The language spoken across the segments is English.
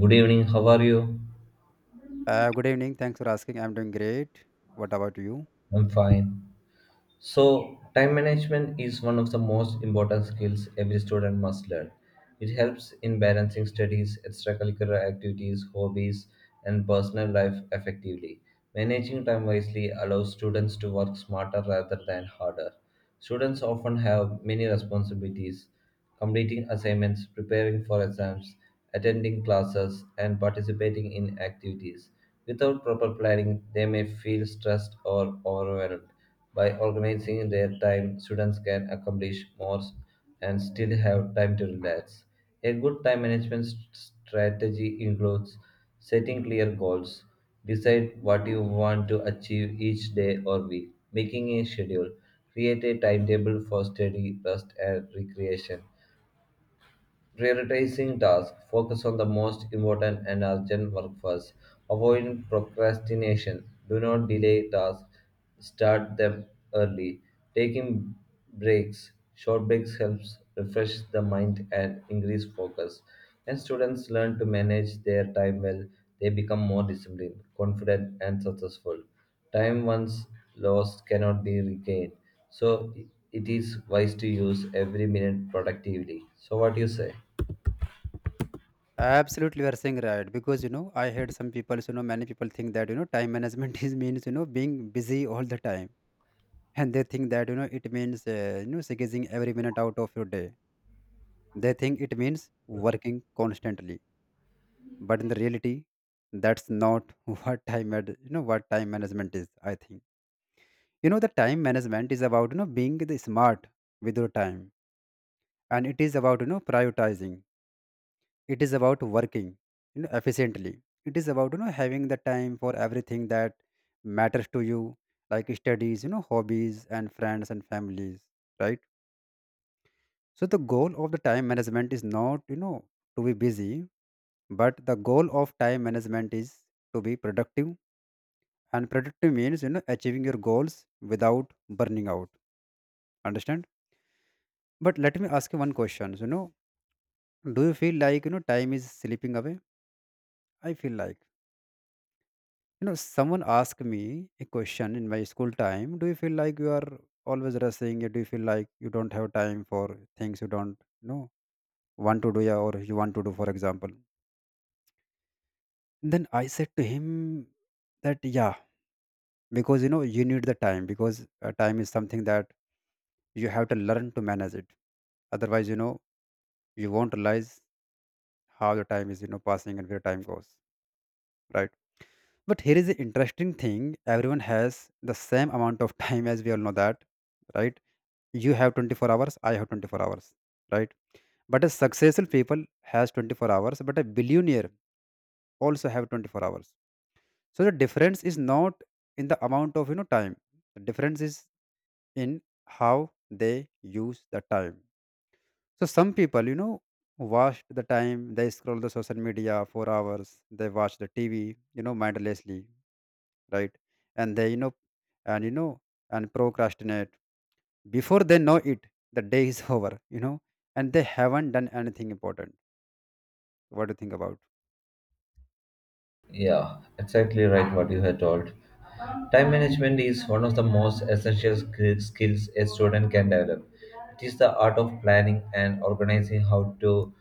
Good evening, how are you? Good evening. Thanks for asking. I'm doing great. What about you? I'm fine. So, time management is one of the most important skills every student must learn. It helps in balancing studies, extracurricular activities, hobbies, and personal life effectively. Managing time wisely allows students to work smarter rather than harder. Students often have many responsibilities: completing assignments, preparing for exams, attending classes, and participating in activities. Without proper planning, they may feel stressed or overwhelmed. By organizing their time, students can accomplish more and still have time to relax. A good time management strategy includes setting clear goals, decide what you want to achieve each day or week, making a schedule, create a timetable for study, rest, and recreation, prioritizing tasks, focus on the most important and urgent work first. Avoid procrastination. Do not delay tasks, start them early. Taking breaks, short breaks helps refresh the mind and increase focus. When students learn to manage their time well, they become more disciplined, confident, and successful. Time once lost cannot be regained, so it is wise to use every minute productively. So, what do you say? Absolutely, we are saying right because I heard some people, many people think that time management is means being busy all the time, and they think that it means squeezing every minute out of your day. They think it means working constantly, but in the reality, that's not what time ad- you know what time management is. I think the time management is about being the smart with your time, and it is about prioritizing. It is about working efficiently. It is about having the time for everything that matters to you, like studies, hobbies and friends and families, right? So the goal of the time management is not, to be busy, but the goal of time management is to be productive. And productive means achieving your goals without burning out, understand? But let me ask you one question. Do you feel like time is slipping away? I feel like, you know, someone asked me a question in my school time. Do you feel like you are always rushing? Or do you feel like you don't have time for things you don't want to do, yeah, or you want to do, for example? Then I said to him that yeah, because you need the time, because time is something that you have to learn to manage it. Otherwise, you won't realize how the time is passing and where time goes, right? But here is the interesting thing: everyone has the same amount of time, as we all know that, right? You have 24 hours, I have 24 hours, right? But a successful people has 24 hours, but a billionaire also have 24 hours. So the difference is not in the amount of time. The difference is in how they use the time. So some people, waste the time. They scroll the social media for hours, they watch the tv mindlessly, right? And they and and procrastinate, before they know it the day is over, and they haven't done anything important. What do you think about? Yeah, exactly right what you had told. Time management is one of the most essential skills a student can develop. It is the art of planning and organizing how to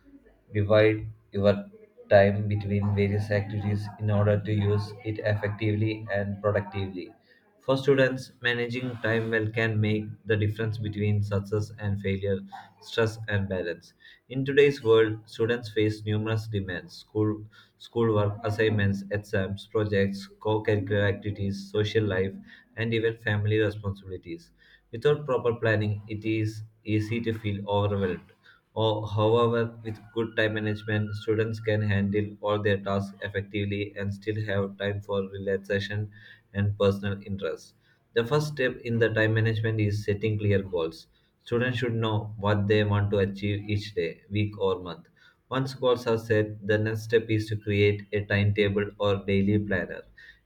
divide your time between various activities in order to use it effectively and productively. For students, managing time well can make the difference between success and failure, stress and balance. In today's world, students face numerous demands: school, schoolwork, assignments, exams, projects, co curricular activities, social life, and even family responsibilities. Without proper planning, it is easy to feel overwhelmed or, however, with good time management, students can handle all their tasks effectively and still have time for relaxation and personal interests. The first step in the time management is setting clear goals. Students should know what they want to achieve each day, week, or month. Once goals are set, the next step is to create a timetable or daily planner.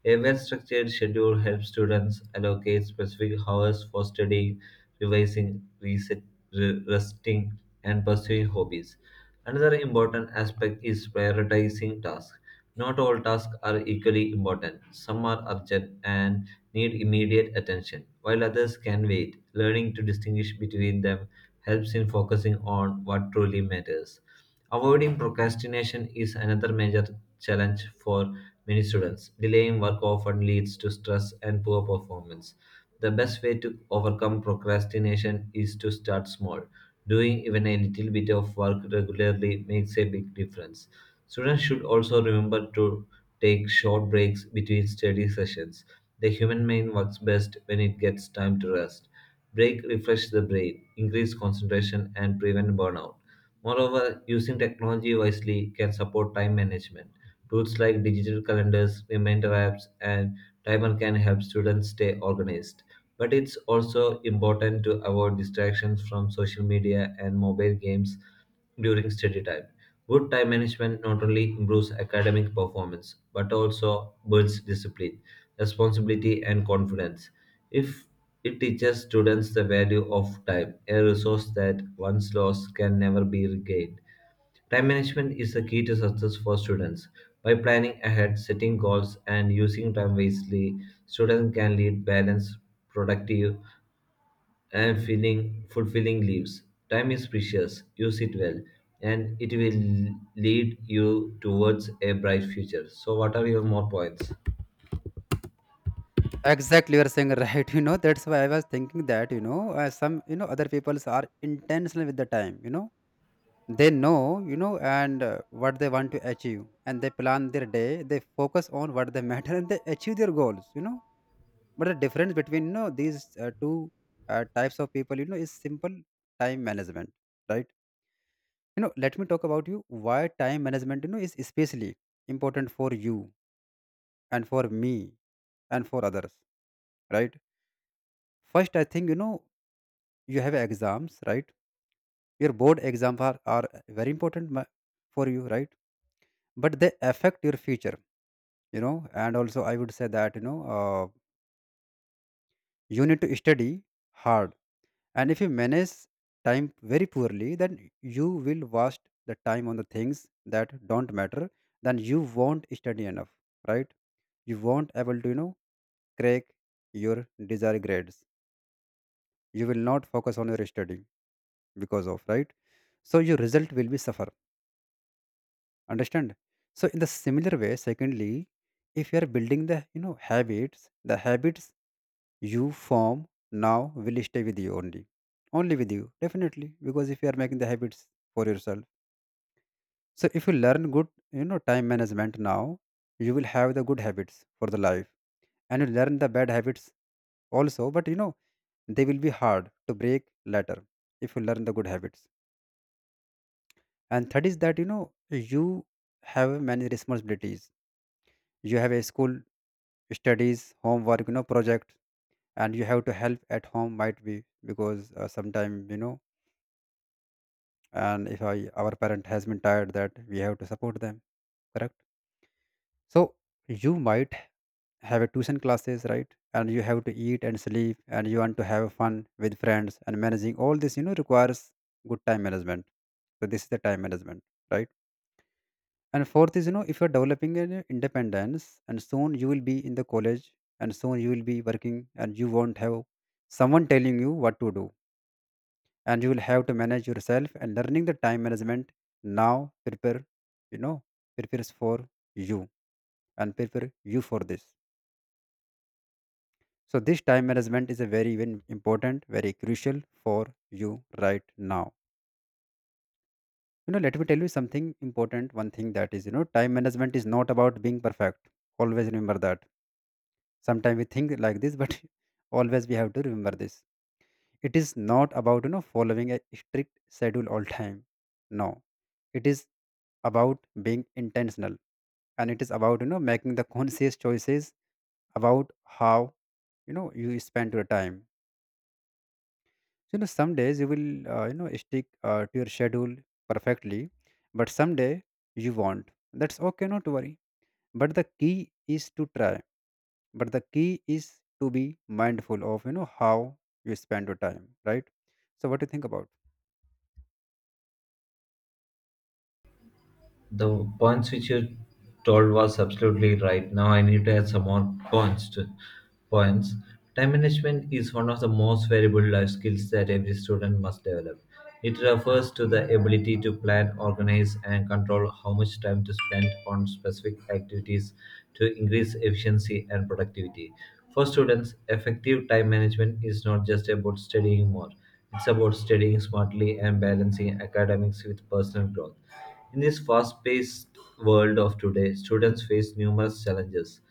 A well structured schedule helps students allocate specific hours for studying, revising, resting, and pursuing hobbies. Another important aspect is prioritizing tasks. Not all tasks are equally important. Some are urgent and need immediate attention, while others can wait. Learning to distinguish between them helps in focusing on what truly matters. Avoiding procrastination is another major challenge for many students. Delaying work often leads to stress and poor performance. The best way to overcome procrastination is to start small. Doing even a little bit of work regularly makes a big difference. Students should also remember to take short breaks between study sessions. The human mind works best when it gets time to rest. Break refresh the brain, increase concentration, and prevent burnout. Moreover, using technology wisely can support time management. Tools like digital calendars, reminder apps, and timer can help students stay organized. But it's also important to avoid distractions from social media and mobile games during study time. Good time management not only improves academic performance but also builds discipline, responsibility, and confidence. If it teaches students the value of time, a resource that once lost can never be regained. Time management is the key to success for students. By planning ahead, setting goals, and using time wisely, students can lead balanced, productive, and feeling fulfilling lives. Time is precious. Use it well, and it will lead you towards a bright future. So, what are your more points? Exactly, you are saying right. That's why I was thinking that some other peoples are intentional with the time. They know, and what they want to achieve, and they plan their day, they focus on what they matter, and they achieve their goals, but the difference between these two types of people, is simple: time management, right? Let me talk about you, why time management is especially important for you, and for me, and for others, right? First, I think you have exams, right? Your board exams are very important, for you, right? But they affect your future, and also I would say that you need to study hard. And if you manage time very poorly, then you will waste the time on the things that don't matter. Then you won't study enough, right? You won't able to crack your desired grades. You will not focus on your study, because of, right? So your result will be suffer, understand? So in the similar way, secondly, if you are building the habits, the habits you form now will stay with you only, only with you, definitely. Because if you are making the habits for yourself, so if you learn good time management now, you will have the good habits for the life. And you learn the bad habits also, but they will be hard to break later, if you learn the good habits. And third is that you have many responsibilities. You have a school, studies, homework, project, and you have to help at home, might be, because sometime, and if I, our parent has been tired, that we have to support them, correct. So you might have a tuition classes, right? And you have to eat and sleep, and you want to have fun with friends, and managing all this, requires good time management. So this is the time management, right? And fourth is, if you're developing an independence, and soon you will be in the college, and soon you will be working, and you won't have someone telling you what to do, and you will have to manage yourself. And learning the time management now, prepare, you know, prepares for you, and prepare you for this. So this time management is a very very important, very crucial for you right now. You know, let me tell you something important. One thing that is, time management is not about being perfect. Always remember that. Sometimes we think like this, but always we have to remember this. It is not about following a strict schedule all time. No, it is about being intentional, and it is about making the conscious choices about how you spend your time. Some days you will stick to your schedule perfectly, but someday you won't. That's okay, not to worry. But the key is to try. But the key is to be mindful of how you spend your time, right? So what do you think about? The points which you told was absolutely right. Now I need to add some more points to points. Time management is one of the most valuable life skills that every student must develop. It refers to the ability to plan, organize, and control how much time to spend on specific activities to increase efficiency and productivity. For students, effective time management is not just about studying more. It's about studying smartly and balancing academics with personal growth. In this fast paced world of today, students face numerous challenges: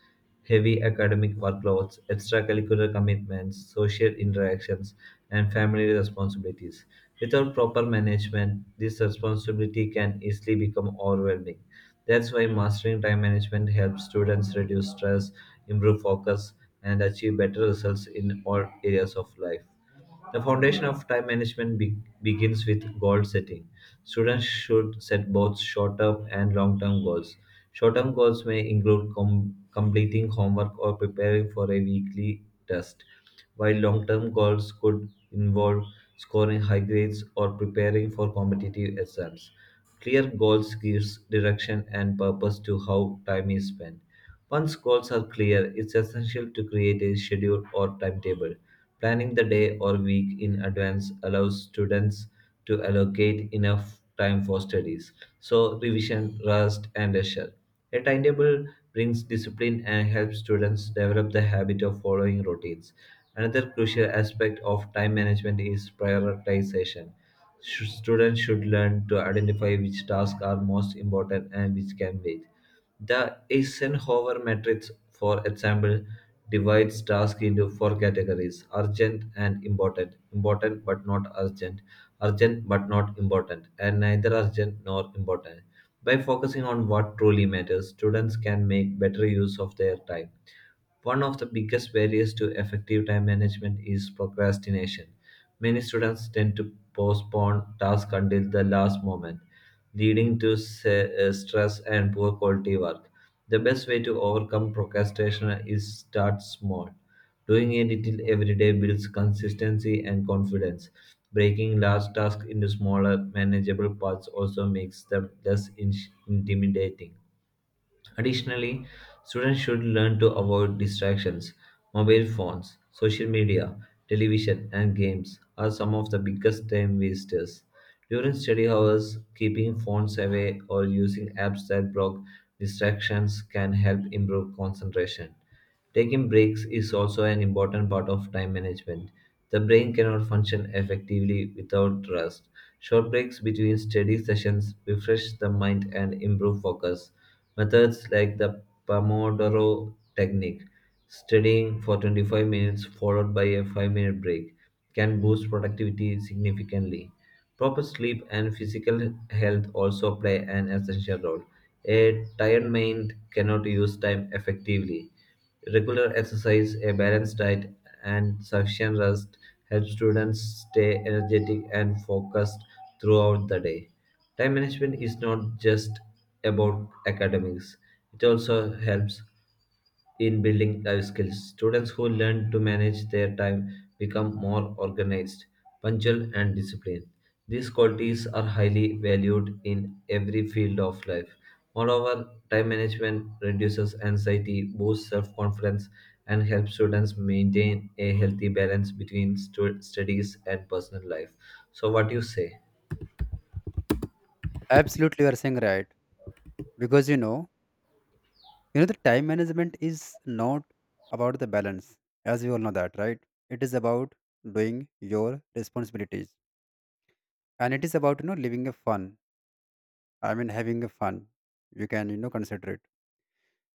heavy academic workloads, extracurricular commitments, social interactions, and family responsibilities. Without proper management, this responsibility can easily become overwhelming. That's why mastering time management helps students reduce stress, improve focus, and achieve better results in all areas of life. The foundation of time management begins with goal setting. Students should set both short term and long term goals. Short term goals may include completing homework or preparing for a weekly test, while long term goals could involve scoring high grades or preparing for competitive exams. Clear goals gives direction and purpose to how time is spent. Once goals are clear, it's essential to create a schedule or timetable. Planning the day or week in advance allows students to allocate enough time for studies, so revision, rest, and leisure. A timetable brings discipline and helps students develop the habit of following routines. Another crucial aspect of time management is prioritization. Students should learn to identify which tasks are most important and which can wait. The Eisenhower matrix, for example, divides tasks into four categories: urgent and important, important but not urgent, urgent but not important, and neither urgent nor important. By focusing on what truly matters, students can make better use of their time. One of the biggest barriers to effective time management is procrastination. Many students tend to postpone tasks until the last moment, leading to stress and poor quality work. The best way to overcome procrastination is start small. Doing a little every day builds consistency and confidence. Breaking large tasks into smaller, manageable parts also makes them less intimidating. Additionally, students should learn to avoid distractions. Mobile phones, social media, television, and games are some of the biggest time wasters. During study hours, keeping phones away or using apps that block distractions can help improve concentration. Taking breaks is also an important part of time management. The brain cannot function effectively without rest. Short breaks between study sessions refresh the mind and improve focus. Methods like the Pomodoro technique, studying for 25 minutes followed by a 5-minute break, can boost productivity significantly. Proper sleep and physical health also play an essential role. A tired mind cannot use time effectively. Regular exercise, a balanced diet, and sufficient rest help students stay energetic and focused throughout the day. Time management is not just about academics, it also helps in building life skills. Students who learn to manage their time become more organized, punctual, and disciplined. These qualities are highly valued in every field of life. Moreover, time management reduces anxiety, boosts self confidence, and helps students maintain a healthy balance between studies and personal life. So, what do you say? Absolutely, you are saying right, because the time management is not about the balance, as we all know that, right? It is about doing your responsibilities, and it is about living a fun. I mean, having a fun. You can, consider it.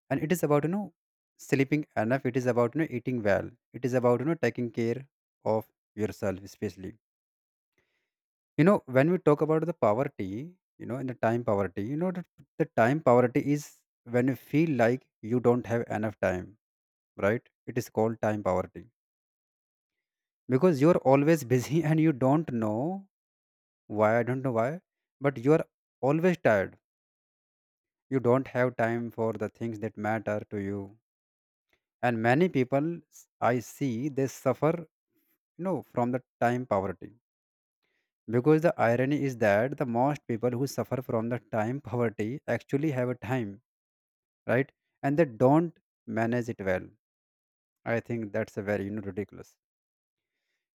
And it is about, sleeping enough. It is about, eating well. It is about, taking care of yourself, especially. You know, when we talk about the poverty, in the time poverty, the time poverty is when you feel like you don't have enough time, right? It is called time poverty because you're always busy and you don't know why. I don't know why, but you're always tired. You don't have time for the things that matter to you, and many people, s- I see they suffer, from the time poverty. Because the irony is that the most people who suffer from the time poverty actually have a time, right? And they don't manage it well. I think that's a very ridiculous.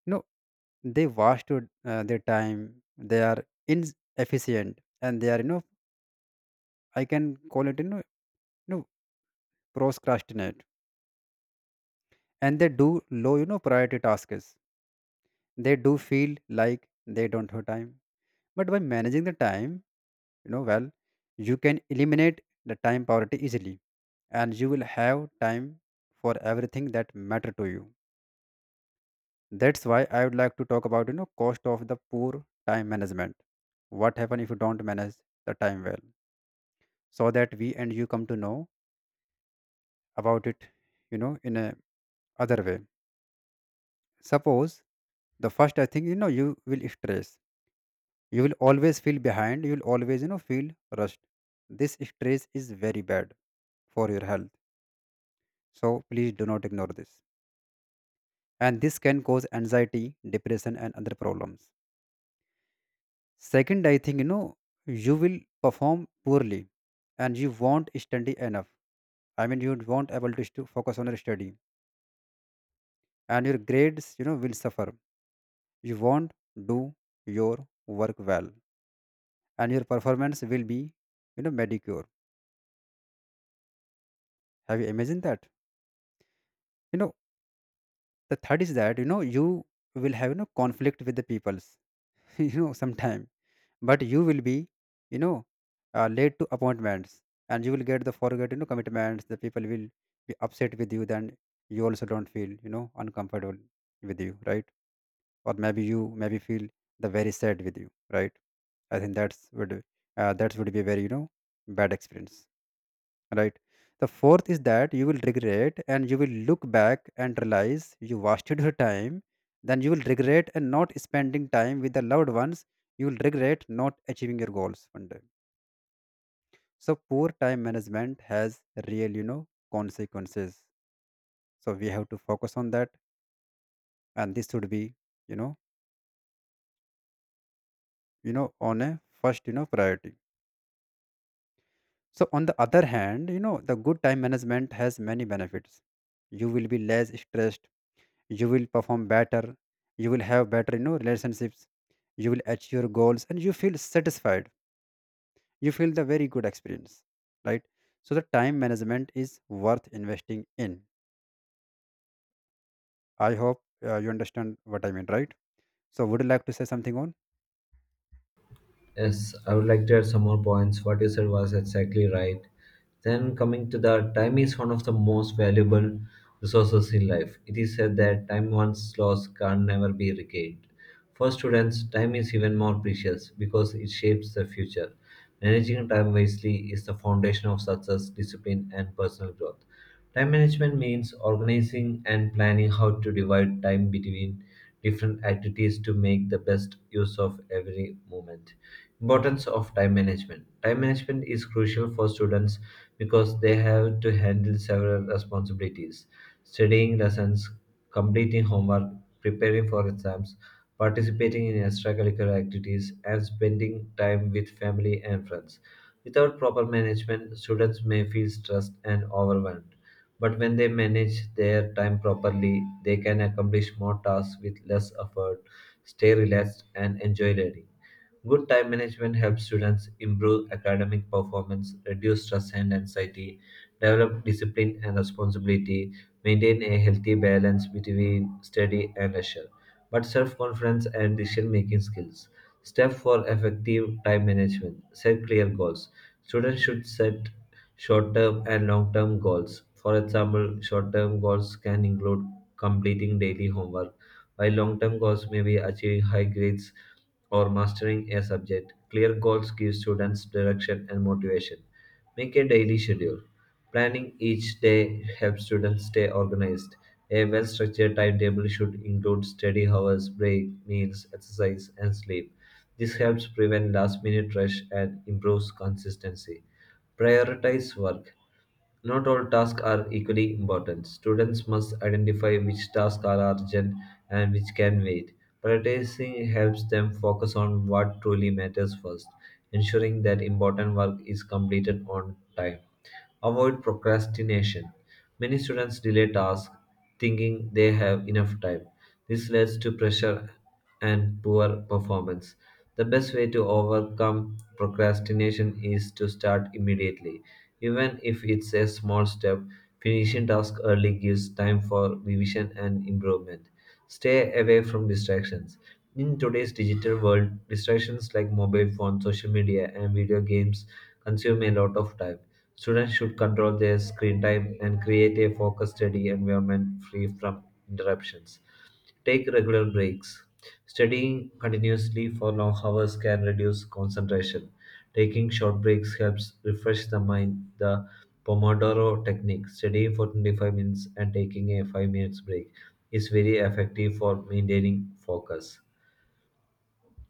you know they their time. They are inefficient, and they are I can call it, you know procrastinate. And they do low priority tasks. They do feel like they don't have time. But by managing the time, well, you can eliminate the time poverty easily, and you will have time for everything that matter to you. That's why I would like to talk about, cost of the poor time management. What happen if you don't manage the time well? So that we and you come to know about it, in a other way. Suppose the first, I think, you will stress. You will always feel behind. You will always, feel rushed. This stress is very bad for your health, so please do not ignore this. And this can cause anxiety, depression, and other problems. Second, I think you will perform poorly, and you won't study enough. I mean, you won't able to focus on your study, and your grades will suffer. You won't do your work well, and your performance will be mediocre. Have you imagined that? You know the third is that you will have conflict with the peoples. Sometime, but you will be you know late to appointments, and you will get the forget commitments. The people will be upset with you, then you also don't feel uncomfortable with you, right? Or maybe you maybe feel the very sad with you, right? I think that's would, that would be a very bad experience, right? The fourth is that you will regret, and you will look back and realize you wasted your time. Then you will regret and not spending time with the loved ones. You will regret not achieving your goals one day. So poor time management has real consequences. So we have to focus on that, and this should be, you know on a first priority. So on the other hand, the good time management has many benefits. You will be less stressed, you will perform better, you will have better relationships, you will achieve your goals, and you feel satisfied. You feel the very good experience, right? So the time management is worth investing in. I hope you understand what I mean, right? So would you like to say something on? Yes, I would like to add some more points. What you said was exactly right. Then, coming to the time is one of the most valuable resources in life. It is said that time once lost can never be regained. For students, time is even more precious because it shapes the future. Managing time wisely is the foundation of success, discipline, and personal growth. Time management means organizing and planning how to divide time between different activities to make the best use of every moment. Importance of time management. Time management is crucial for students because they have to handle several responsibilities: studying lessons, completing homework, preparing for exams, participating in extracurricular activities, and spending time with family and friends. Without proper management, students may feel stressed and overwhelmed. But when they manage their time properly, they can accomplish more tasks with less effort, stay relaxed, and enjoy learning. Good time management helps students improve academic performance, reduce stress and anxiety, develop discipline and responsibility, maintain a healthy balance between study and leisure, but self confidence and decision making skills. Step for effective time management: set clear goals. Students should set short term and long term goals. For example, short term goals can include completing daily homework, while long term goals may be achieving high grades or mastering a subject. Clear goals give students direction and motivation. Make a daily schedule. Planning each day helps students stay organized. A well structured timetable should include study hours, break, meals, exercise, and sleep. This helps prevent last minute rush and improves consistency. Prioritize work. Not all tasks are equally important. Students must identify which tasks are urgent and which can wait. Prioritizing helps them focus on what truly matters first, ensuring that important work is completed on time. Avoid procrastination. Many students delay tasks thinking they have enough time. This leads to pressure and poor performance. The best way to overcome procrastination is to start immediately. Even if it's a small step, finishing tasks early gives time for revision and improvement. Stay away from distractions. In today's digital world, distractions like mobile phones, social media, and video games consume a lot of time. Students should control their screen time and create a focused study environment free from interruptions. Take regular breaks. Studying continuously for long hours can reduce concentration. Taking short breaks helps refresh the mind. The Pomodoro technique, studying for 25 minutes and taking a 5 minutes break, is very effective for maintaining focus.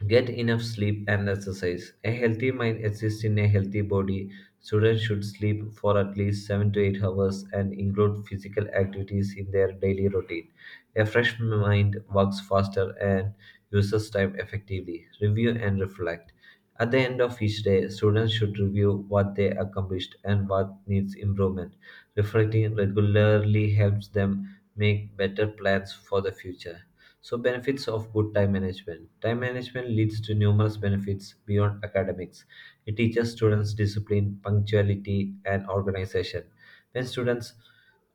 Get enough sleep and exercise. A healthy mind exists in a healthy body. Students should sleep for at least 7 to 8 hours and include physical activities in their daily routine. A fresh mind works faster and uses time effectively. Review and reflect. At the end of each day, students should review what they accomplished and what needs improvement. Reflecting regularly helps them make better plans for the future. So, benefits of good time management. Time management leads to numerous benefits beyond academics. It teaches students discipline, punctuality, and organization. When students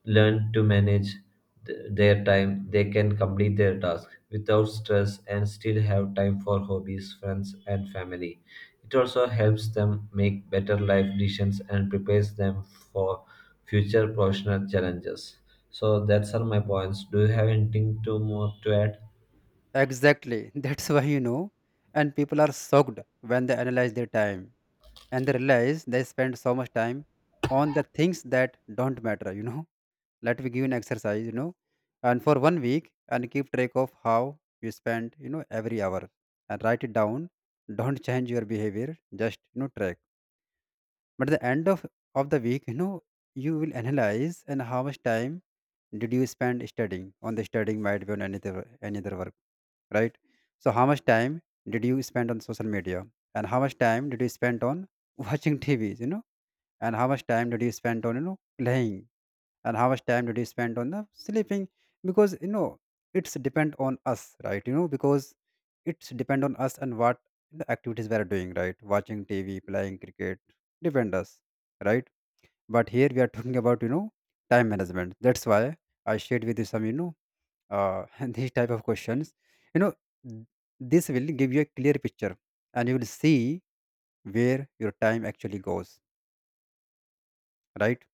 learn to manage their time, they can complete their tasks without stress and still have time for hobbies, friends, and family. It also helps them make better life decisions and prepares them for future professional challenges. So that's all my points. Do you have anything to more to add? Exactly. That's why, and people are shocked when they analyze their time, and they realize they spend so much time on the things that don't matter, let me give an exercise, and for one week, and keep track of how you spend every hour, and write it down. Don't change your behavior, just track. But at the end of the week, you will analyze, and how much time did you spend studying, on the studying, might be on any other work, right? So how much time did you spend on social media? And how much time did you spend on watching tvs, and how much time did you spend on playing? And how much time did you spend on the sleeping? Because it's depend on us, right? Because it's depend on us, and what the activities we are doing, right? Watching tv, playing cricket, depend us, right? But here we are talking about time management. That's why I shared with you some, uh these type of questions, you know th- this will give you a clear picture, and you will see where your time actually goes, right?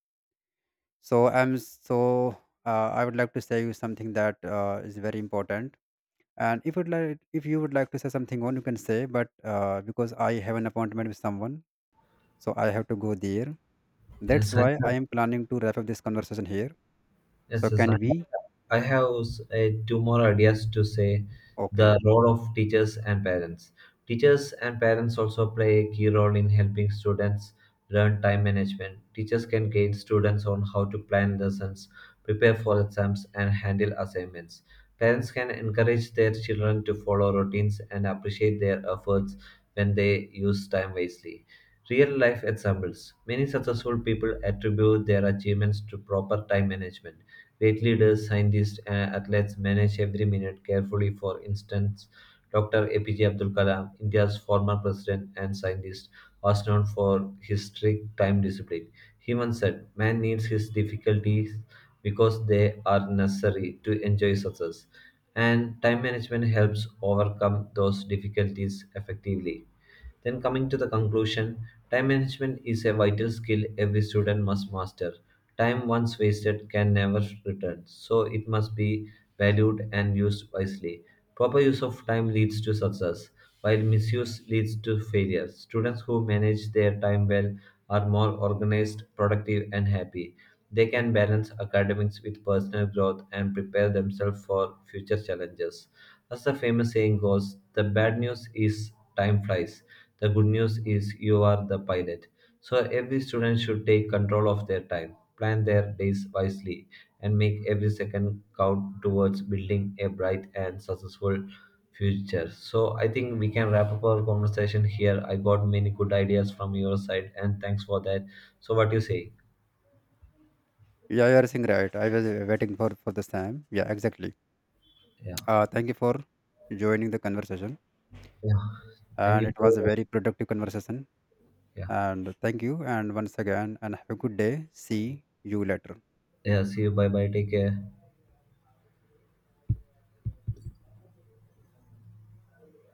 So I'm so I would like to say you something that is very important. And if you'd like, if you would like to say something on, you can say. But because I have an appointment with someone, so I have to go there. That's Yes, I- why I am planning to wrap up this conversation here. So yes, I can we? Have two more ideas to say. The Okay. role of teachers and parents. Teachers and parents also play a key role in helping students learn time management. Teachers can guide students on how to plan lessons, prepare for exams, and handle assignments. Parents can encourage their children to follow routines and appreciate their efforts when they use time wisely. Real life examples. Many successful people attribute their achievements to proper time management. Great leaders, scientists, and athletes manage every minute carefully. For instance, Dr. APJ Abdul Kalam, India's former president and scientist, was known for his strict time discipline. He once said, "Man needs his difficulties because they are necessary to enjoy success." And time management helps overcome those difficulties effectively. Then, coming to the conclusion, time management is a vital skill every student must master. Time once wasted can never return, so it must be valued and used wisely. Proper use of time leads to success, while misuse leads to failure. Students who manage their time well are more organized, productive, and happy. They can balance academics with personal growth and prepare themselves for future challenges. As the famous saying goes, "The bad news is time flies, the good news is you are the pilot." So every student should take control of their time, plan their days wisely, and make every second count towards building a bright and successful future. So I think we can wrap up our conversation here. I got many good ideas from your side, and thanks for that. So what do you say? Yeah, you are saying right. I was waiting for this time. Yeah, exactly. Yeah, Thank you for joining the conversation, yeah. Thank and you. it was a For, very productive conversation. yeah, And thank you. And once again, and have a good day. See you later. yeah. See you. Bye, bye. Take care.